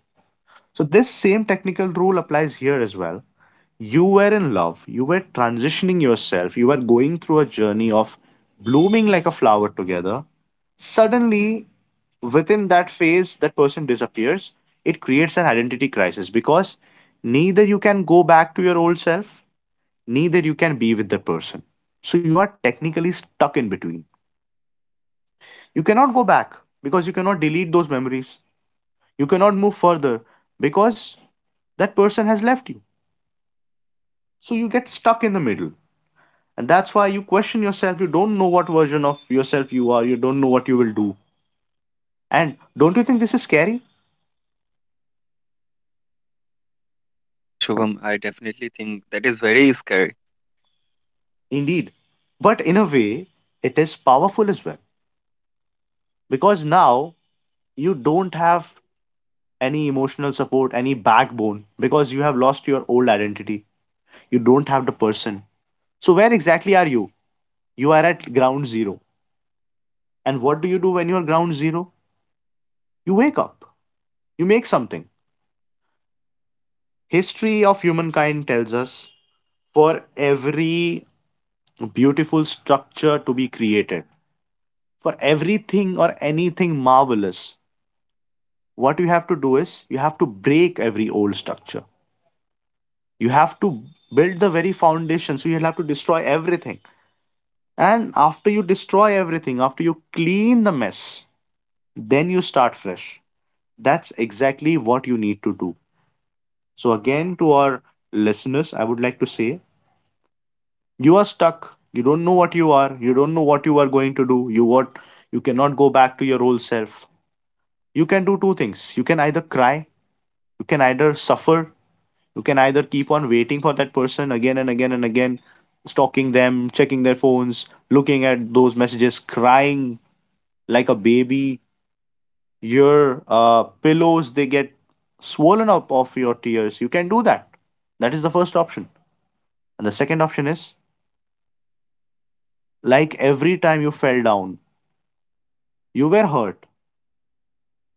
[SPEAKER 2] So this same technical rule applies here as well. You were in love, you were transitioning yourself, you were going through a journey of blooming like a flower together. Suddenly, within that phase, that person disappears. It creates an identity crisis because neither you can go back to your old self, neither you can be with the person. So you are technically stuck in between. You cannot go back because you cannot delete those memories. You cannot move further because that person has left you. So you get stuck in the middle. And that's why you question yourself. You don't know what version of yourself you are. You don't know what you will do. And don't you think this is scary?
[SPEAKER 1] yeah, Shubham, I definitely think that is very scary.
[SPEAKER 2] Indeed. But in a way, it is powerful as well. Because now you don't have any emotional support, any backbone, because you have lost your old identity. You don't have the person. So, where exactly are you? You are at ground zero. And what do you do when you are ground zero? You wake up, you make something. History of humankind tells us, for every beautiful structure to be created, for everything or anything marvelous, what you have to do is you have to break every old structure. You have to build the very foundation, so you'll have to destroy everything. And after you destroy everything, after you clean the mess, then you start fresh. That's exactly what you need to do. So, again, to our listeners, I would like to say, you are stuck, you don't know what you are, you don't know what you are going to do, you cannot go back to your old self. You can do two things. You can either cry, you can either suffer, you can either keep on waiting for that person again and again and again, stalking them, checking their phones, looking at those messages, crying like a baby, your pillows they get swollen up of your tears. You can do that. That is the first option. And the second option is, like every time you fell down, you were hurt,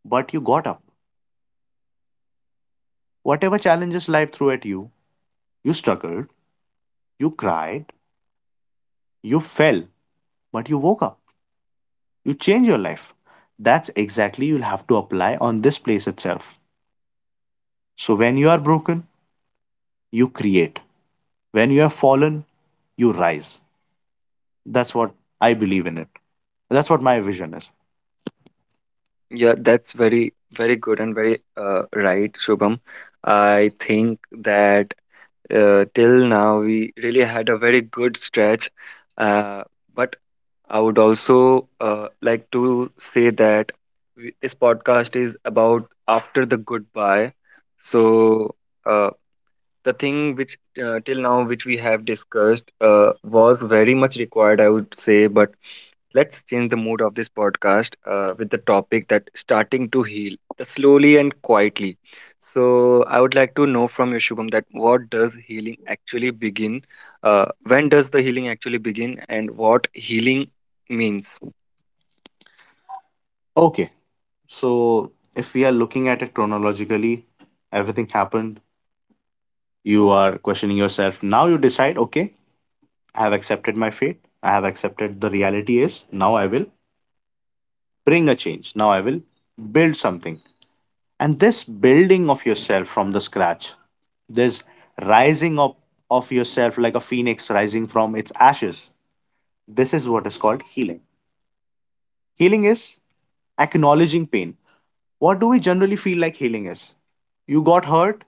[SPEAKER 2] but you got up. Whatever challenges life threw at you, you struggled, you cried, you fell, but you woke up. You changed your life. That's exactly you'll have to apply on this place itself. So when you are broken, you create. When you have fallen, you rise. That's what I believe in it. That's what my vision is.
[SPEAKER 1] Yeah, that's very, very good and very right, Shubham. I think that till now we really had a very good stretch. Uh, but I would also like to say that this podcast is about after the goodbye. So. uh. The thing which till now which we have discussed was very much required, I would say, but let's change the mood of this podcast with the topic that starting to heal the slowly and quietly. So I would like to know from you, Shubham, that what does healing actually begin, uh, when does the healing actually begin, and what healing means.
[SPEAKER 2] Okay. So if we are looking at it chronologically, everything happened. You are questioning yourself. Now you decide, okay, I have accepted my fate. I have accepted the reality is now I will bring a change. Now I will build something. And this building of yourself from the scratch, this rising up of yourself like a phoenix rising from its ashes, this is what is called healing. Healing is acknowledging pain. What do we generally feel like healing is? You got hurt,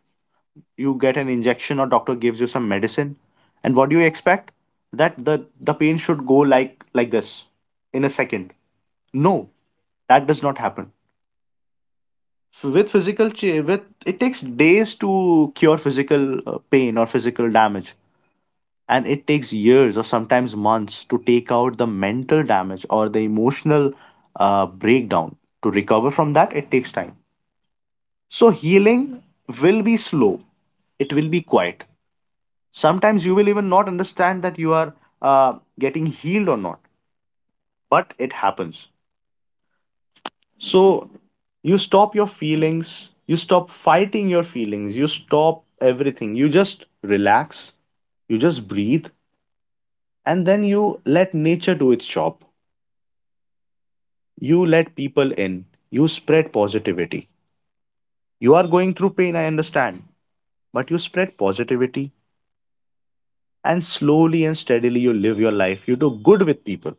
[SPEAKER 2] you get an injection or doctor gives you some medicine, and what do you expect? That the pain should go like this in a second. No, that does not happen with it takes days to cure physical pain or physical damage, and it takes years or sometimes months to take out the mental damage or the emotional breakdown. To recover from that, it takes time. So healing will be slow, it will be quiet. Sometimes you will even not understand that you are uh, getting healed or not, but it happens. So you stop your feelings, you stop fighting your feelings, you stop everything. You just relax, you just breathe, and then you let nature do its job. You let people in, you spread positivity. You are going through pain, I understand, but you spread positivity, and slowly and steadily you live your life. You do good with people.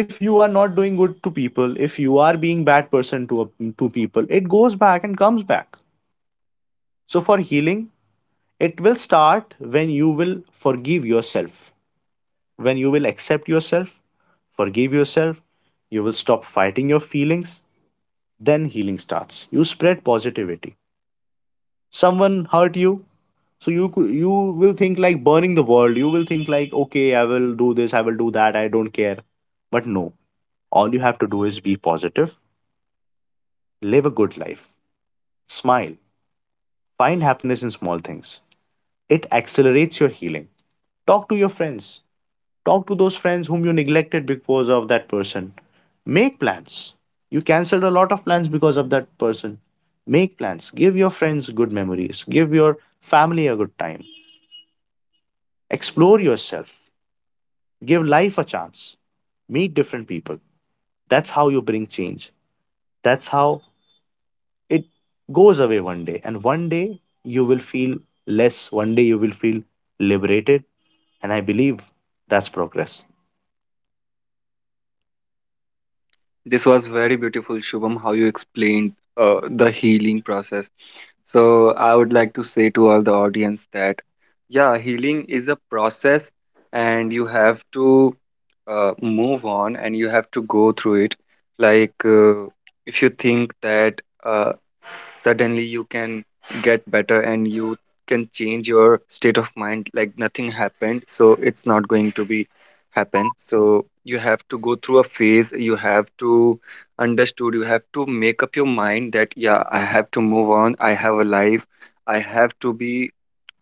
[SPEAKER 2] If you are not doing good to people, if you are being bad person to people, it goes back and comes back. So for healing, it will start when you will forgive yourself, when you will accept yourself, forgive yourself, you will stop fighting your feelings, then healing starts. You spread positivity. Someone hurt you, so you will think like burning the world. You will think like, okay, I will do this, I will do that, I don't care. But no, all you have to do is be positive, live a good life, smile, find happiness in small things. It accelerates your healing. Talk to your friends. Talk to those friends whom you neglected because of that person. Make plans. You canceled a lot of plans because of that person. Make plans. Give your friends good memories. Give your family a good time. Explore yourself. Give life a chance. Meet different people. That's how you bring change. That's how it goes away one day. And one day you will feel less. One day you will feel liberated. And I believe that's progress.
[SPEAKER 1] This was very beautiful, Shubham, how you explained the healing process. So, I would like to say to all the audience that, yeah, healing is a process and you have to move on and you have to go through it. Like, if you think that suddenly you can get better and you can change your state of mind like nothing happened, so it's not going to be happen, so you have to go through a phase, you have to understood, you have to make up your mind that yeah, I have to move on, I have a life, I have to be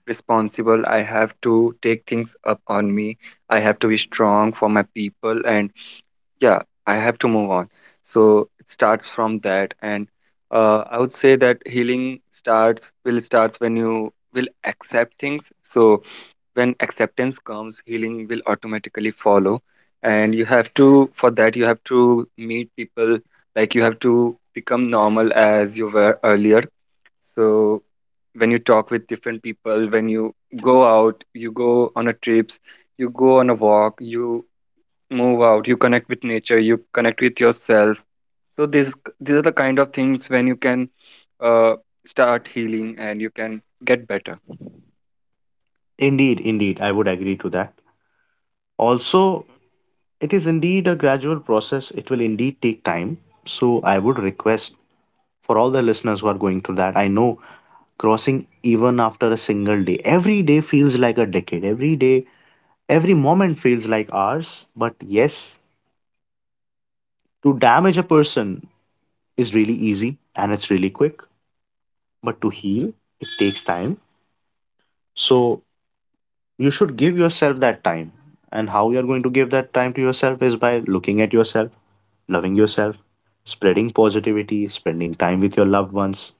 [SPEAKER 1] responsible, I have to take things up on me, I have to be strong for my people, and yeah, I have to move on. So it starts from that, and I would say that healing starts will starts when you will accept things. So when acceptance comes, healing will automatically follow. And you have to, for that you have to meet people, like you have to become normal as you were earlier. So when you talk with different people, when you go out, you go on a trips, you go on a walk, you move out, you connect with nature, you connect with yourself. So these are the kind of things when you can uh, start healing and you can get better.
[SPEAKER 2] Indeed, indeed. I would agree to that. Also, it is indeed a gradual process. It will indeed take time. So, I would request for all the listeners who are going through that, I know crossing even after a single day, every day feels like a decade. Every day, every moment feels like hours. But yes, to damage a person is really easy and it's really quick. But to heal, it takes time. So, you should give yourself that time, and how you are going to give that time to yourself is by looking at yourself, loving yourself, spreading positivity, spending time with your loved ones.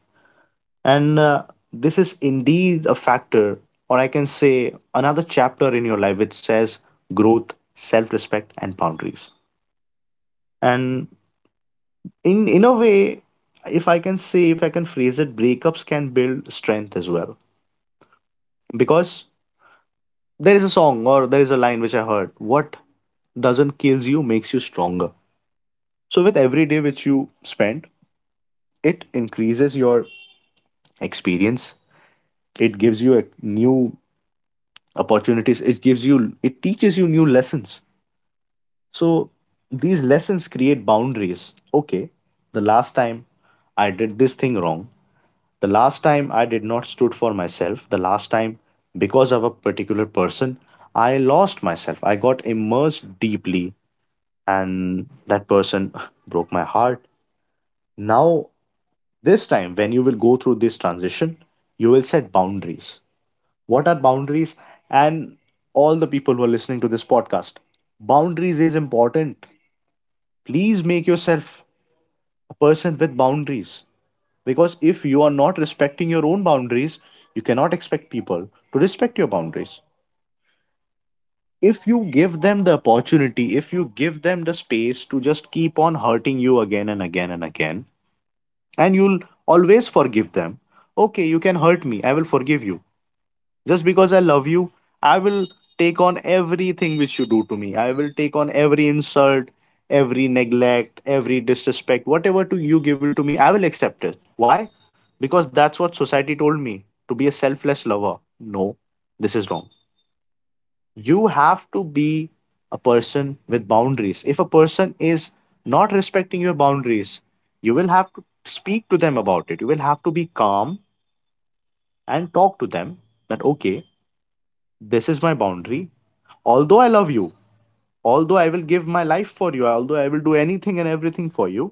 [SPEAKER 2] And this is indeed a factor, or I can say another chapter in your life, which says growth, self respect, and boundaries. And in a way, if I can say, if I can phrase it, breakups can build strength as well, because there is a song or there is a line which I heard: what doesn't kills you makes you stronger. So, with every day which you spend, it increases your experience, it gives you a new opportunities, it gives you, it teaches you new lessons. So, these lessons create boundaries. Okay, the last time I did this thing wrong, the last time I did not stood for myself, the last time because of a particular person, I lost myself. I got immersed deeply and that person broke my heart. Now this time when you will go through this transition, you will set boundaries. What are boundaries? And all the people who are listening to this podcast, boundaries is important. Please make yourself a person with boundaries, because if you are not respecting your own boundaries, you cannot expect people to respect your boundaries. If you give them the opportunity, if you give them the space to just keep on hurting you again and again and again, and you'll always forgive them. Okay, you can hurt me. I will forgive you. Just because I love you, I will take on everything which you do to me. I will take on every insult, every neglect, every disrespect, whatever to you give it to me, I will accept it. Why? Because that's what society told me, to be a selfless lover. No, this is wrong. You have to be a person with boundaries. If a person is not respecting your boundaries, you will have to speak to them about it. You will have to be calm and talk to them that, okay, this is my boundary. Although I love you, although I will give my life for you, although I will do anything and everything for you,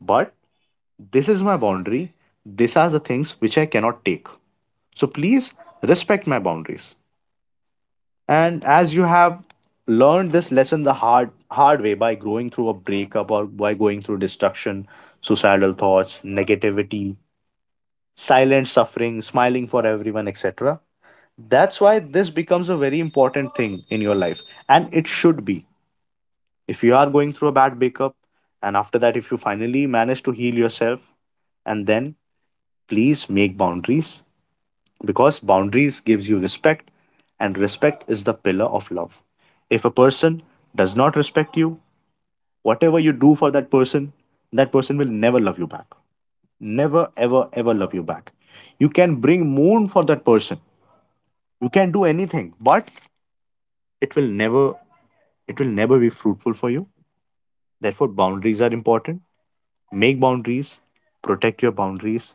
[SPEAKER 2] but this is my boundary. These are the things which I cannot take. So please respect my boundaries. And as you have learned this lesson the hard way, by growing through a breakup or by going through destruction, suicidal thoughts, negativity, silent suffering, smiling for everyone, etc. That's why this becomes a very important thing in your life. And it should be. If you are going through a bad breakup, and after that, if you finally manage to heal yourself, and then please make boundaries, because boundaries gives you respect, and respect is the pillar of love. If a person does not respect you, whatever you do for that person, that person will never love you back. Never ever ever love you back. You can bring moon for that person, you can do anything, but it will never, it will never be fruitful for you. Therefore, boundaries are important. Make boundaries, protect your boundaries,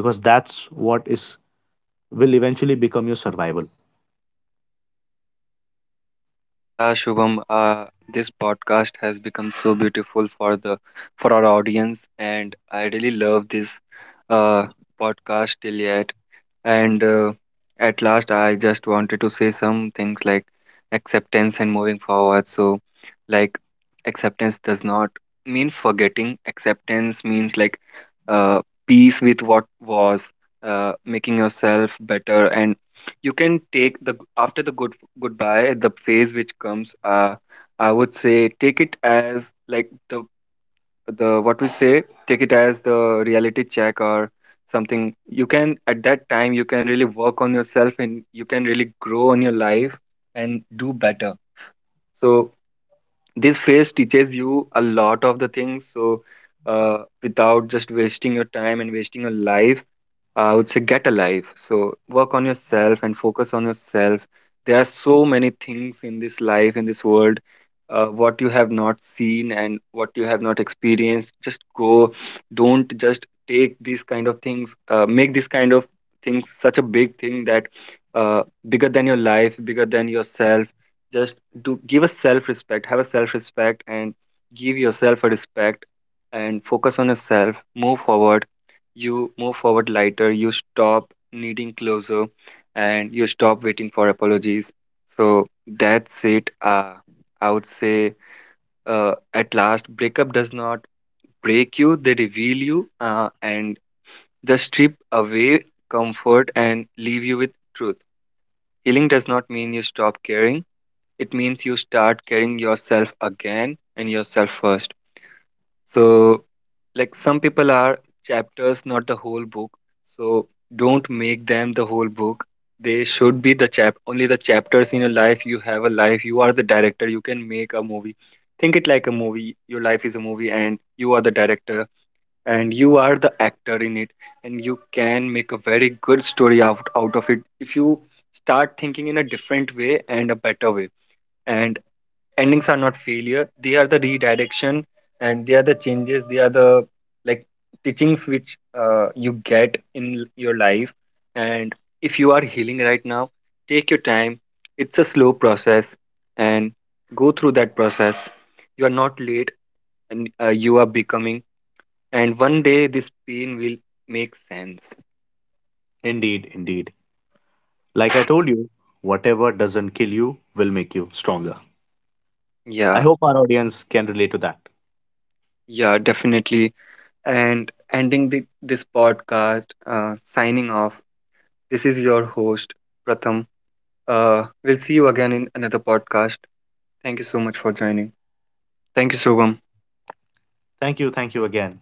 [SPEAKER 2] because that's what is, will eventually become your survival.
[SPEAKER 1] Yeah, Shubham, this podcast has become so beautiful for the for our audience, and I really love this uh, podcast till yet. And at last, I just wanted to say some things like acceptance and moving forward. So, like, acceptance does not mean forgetting, acceptance means like uh, peace with what was, making yourself better. And you can take the after the good goodbye, the phase which comes, I would say, take it as like the what we say, take it as the reality check or something. You can, at that time you can really work on yourself and you can really grow on your life and do better. So this phase teaches you a lot of the things. So without just wasting your time and wasting your life, I would say get alive. So work on yourself and focus on yourself. There are so many things in this life, in this world, what you have not seen and what you have not experienced. Just go. Don't just take these kind of things, make these kind of things such a big thing that uh, bigger than your life, bigger than yourself. Just do give a self respect, have a self respect, and give yourself a respect, and focus on yourself, move forward. You move forward lighter, you stop needing closure, and you stop waiting for apologies. So that's it. I would say at last, breakup does not break you, they reveal you and they strip away comfort and leave you with truth. Healing does not mean you stop caring, it means you start caring yourself again and yourself first. So like some people are chapters, not the whole book. So don't make them the whole book. They should be the chap only the chapters in your life. You have a life. You are the director. You can make a movie. Think it like a movie. Your life is a movie, and you are the director, and you are the actor in it, and you can make a very good story out of it if you start thinking in a different way and a better way. And endings are not failure, they are the redirection, and they are the changes, they are the like teachings which you get in your life. And if you are healing right now, take your time, it's a slow process, and go through that process. You are not late, and you are becoming, and one day this pain will make sense.
[SPEAKER 2] Indeed, indeed. Like I told you, whatever doesn't kill you will make you stronger. I
[SPEAKER 1] Yeah.
[SPEAKER 2] hope our audience can relate to that.
[SPEAKER 1] Yeah, definitely. And ending the, this podcast, signing off, this is your host, Pratham. We'll see you again in another podcast. Thank you so much for joining. Thank you, Shubham.
[SPEAKER 2] Thank you. Thank you again.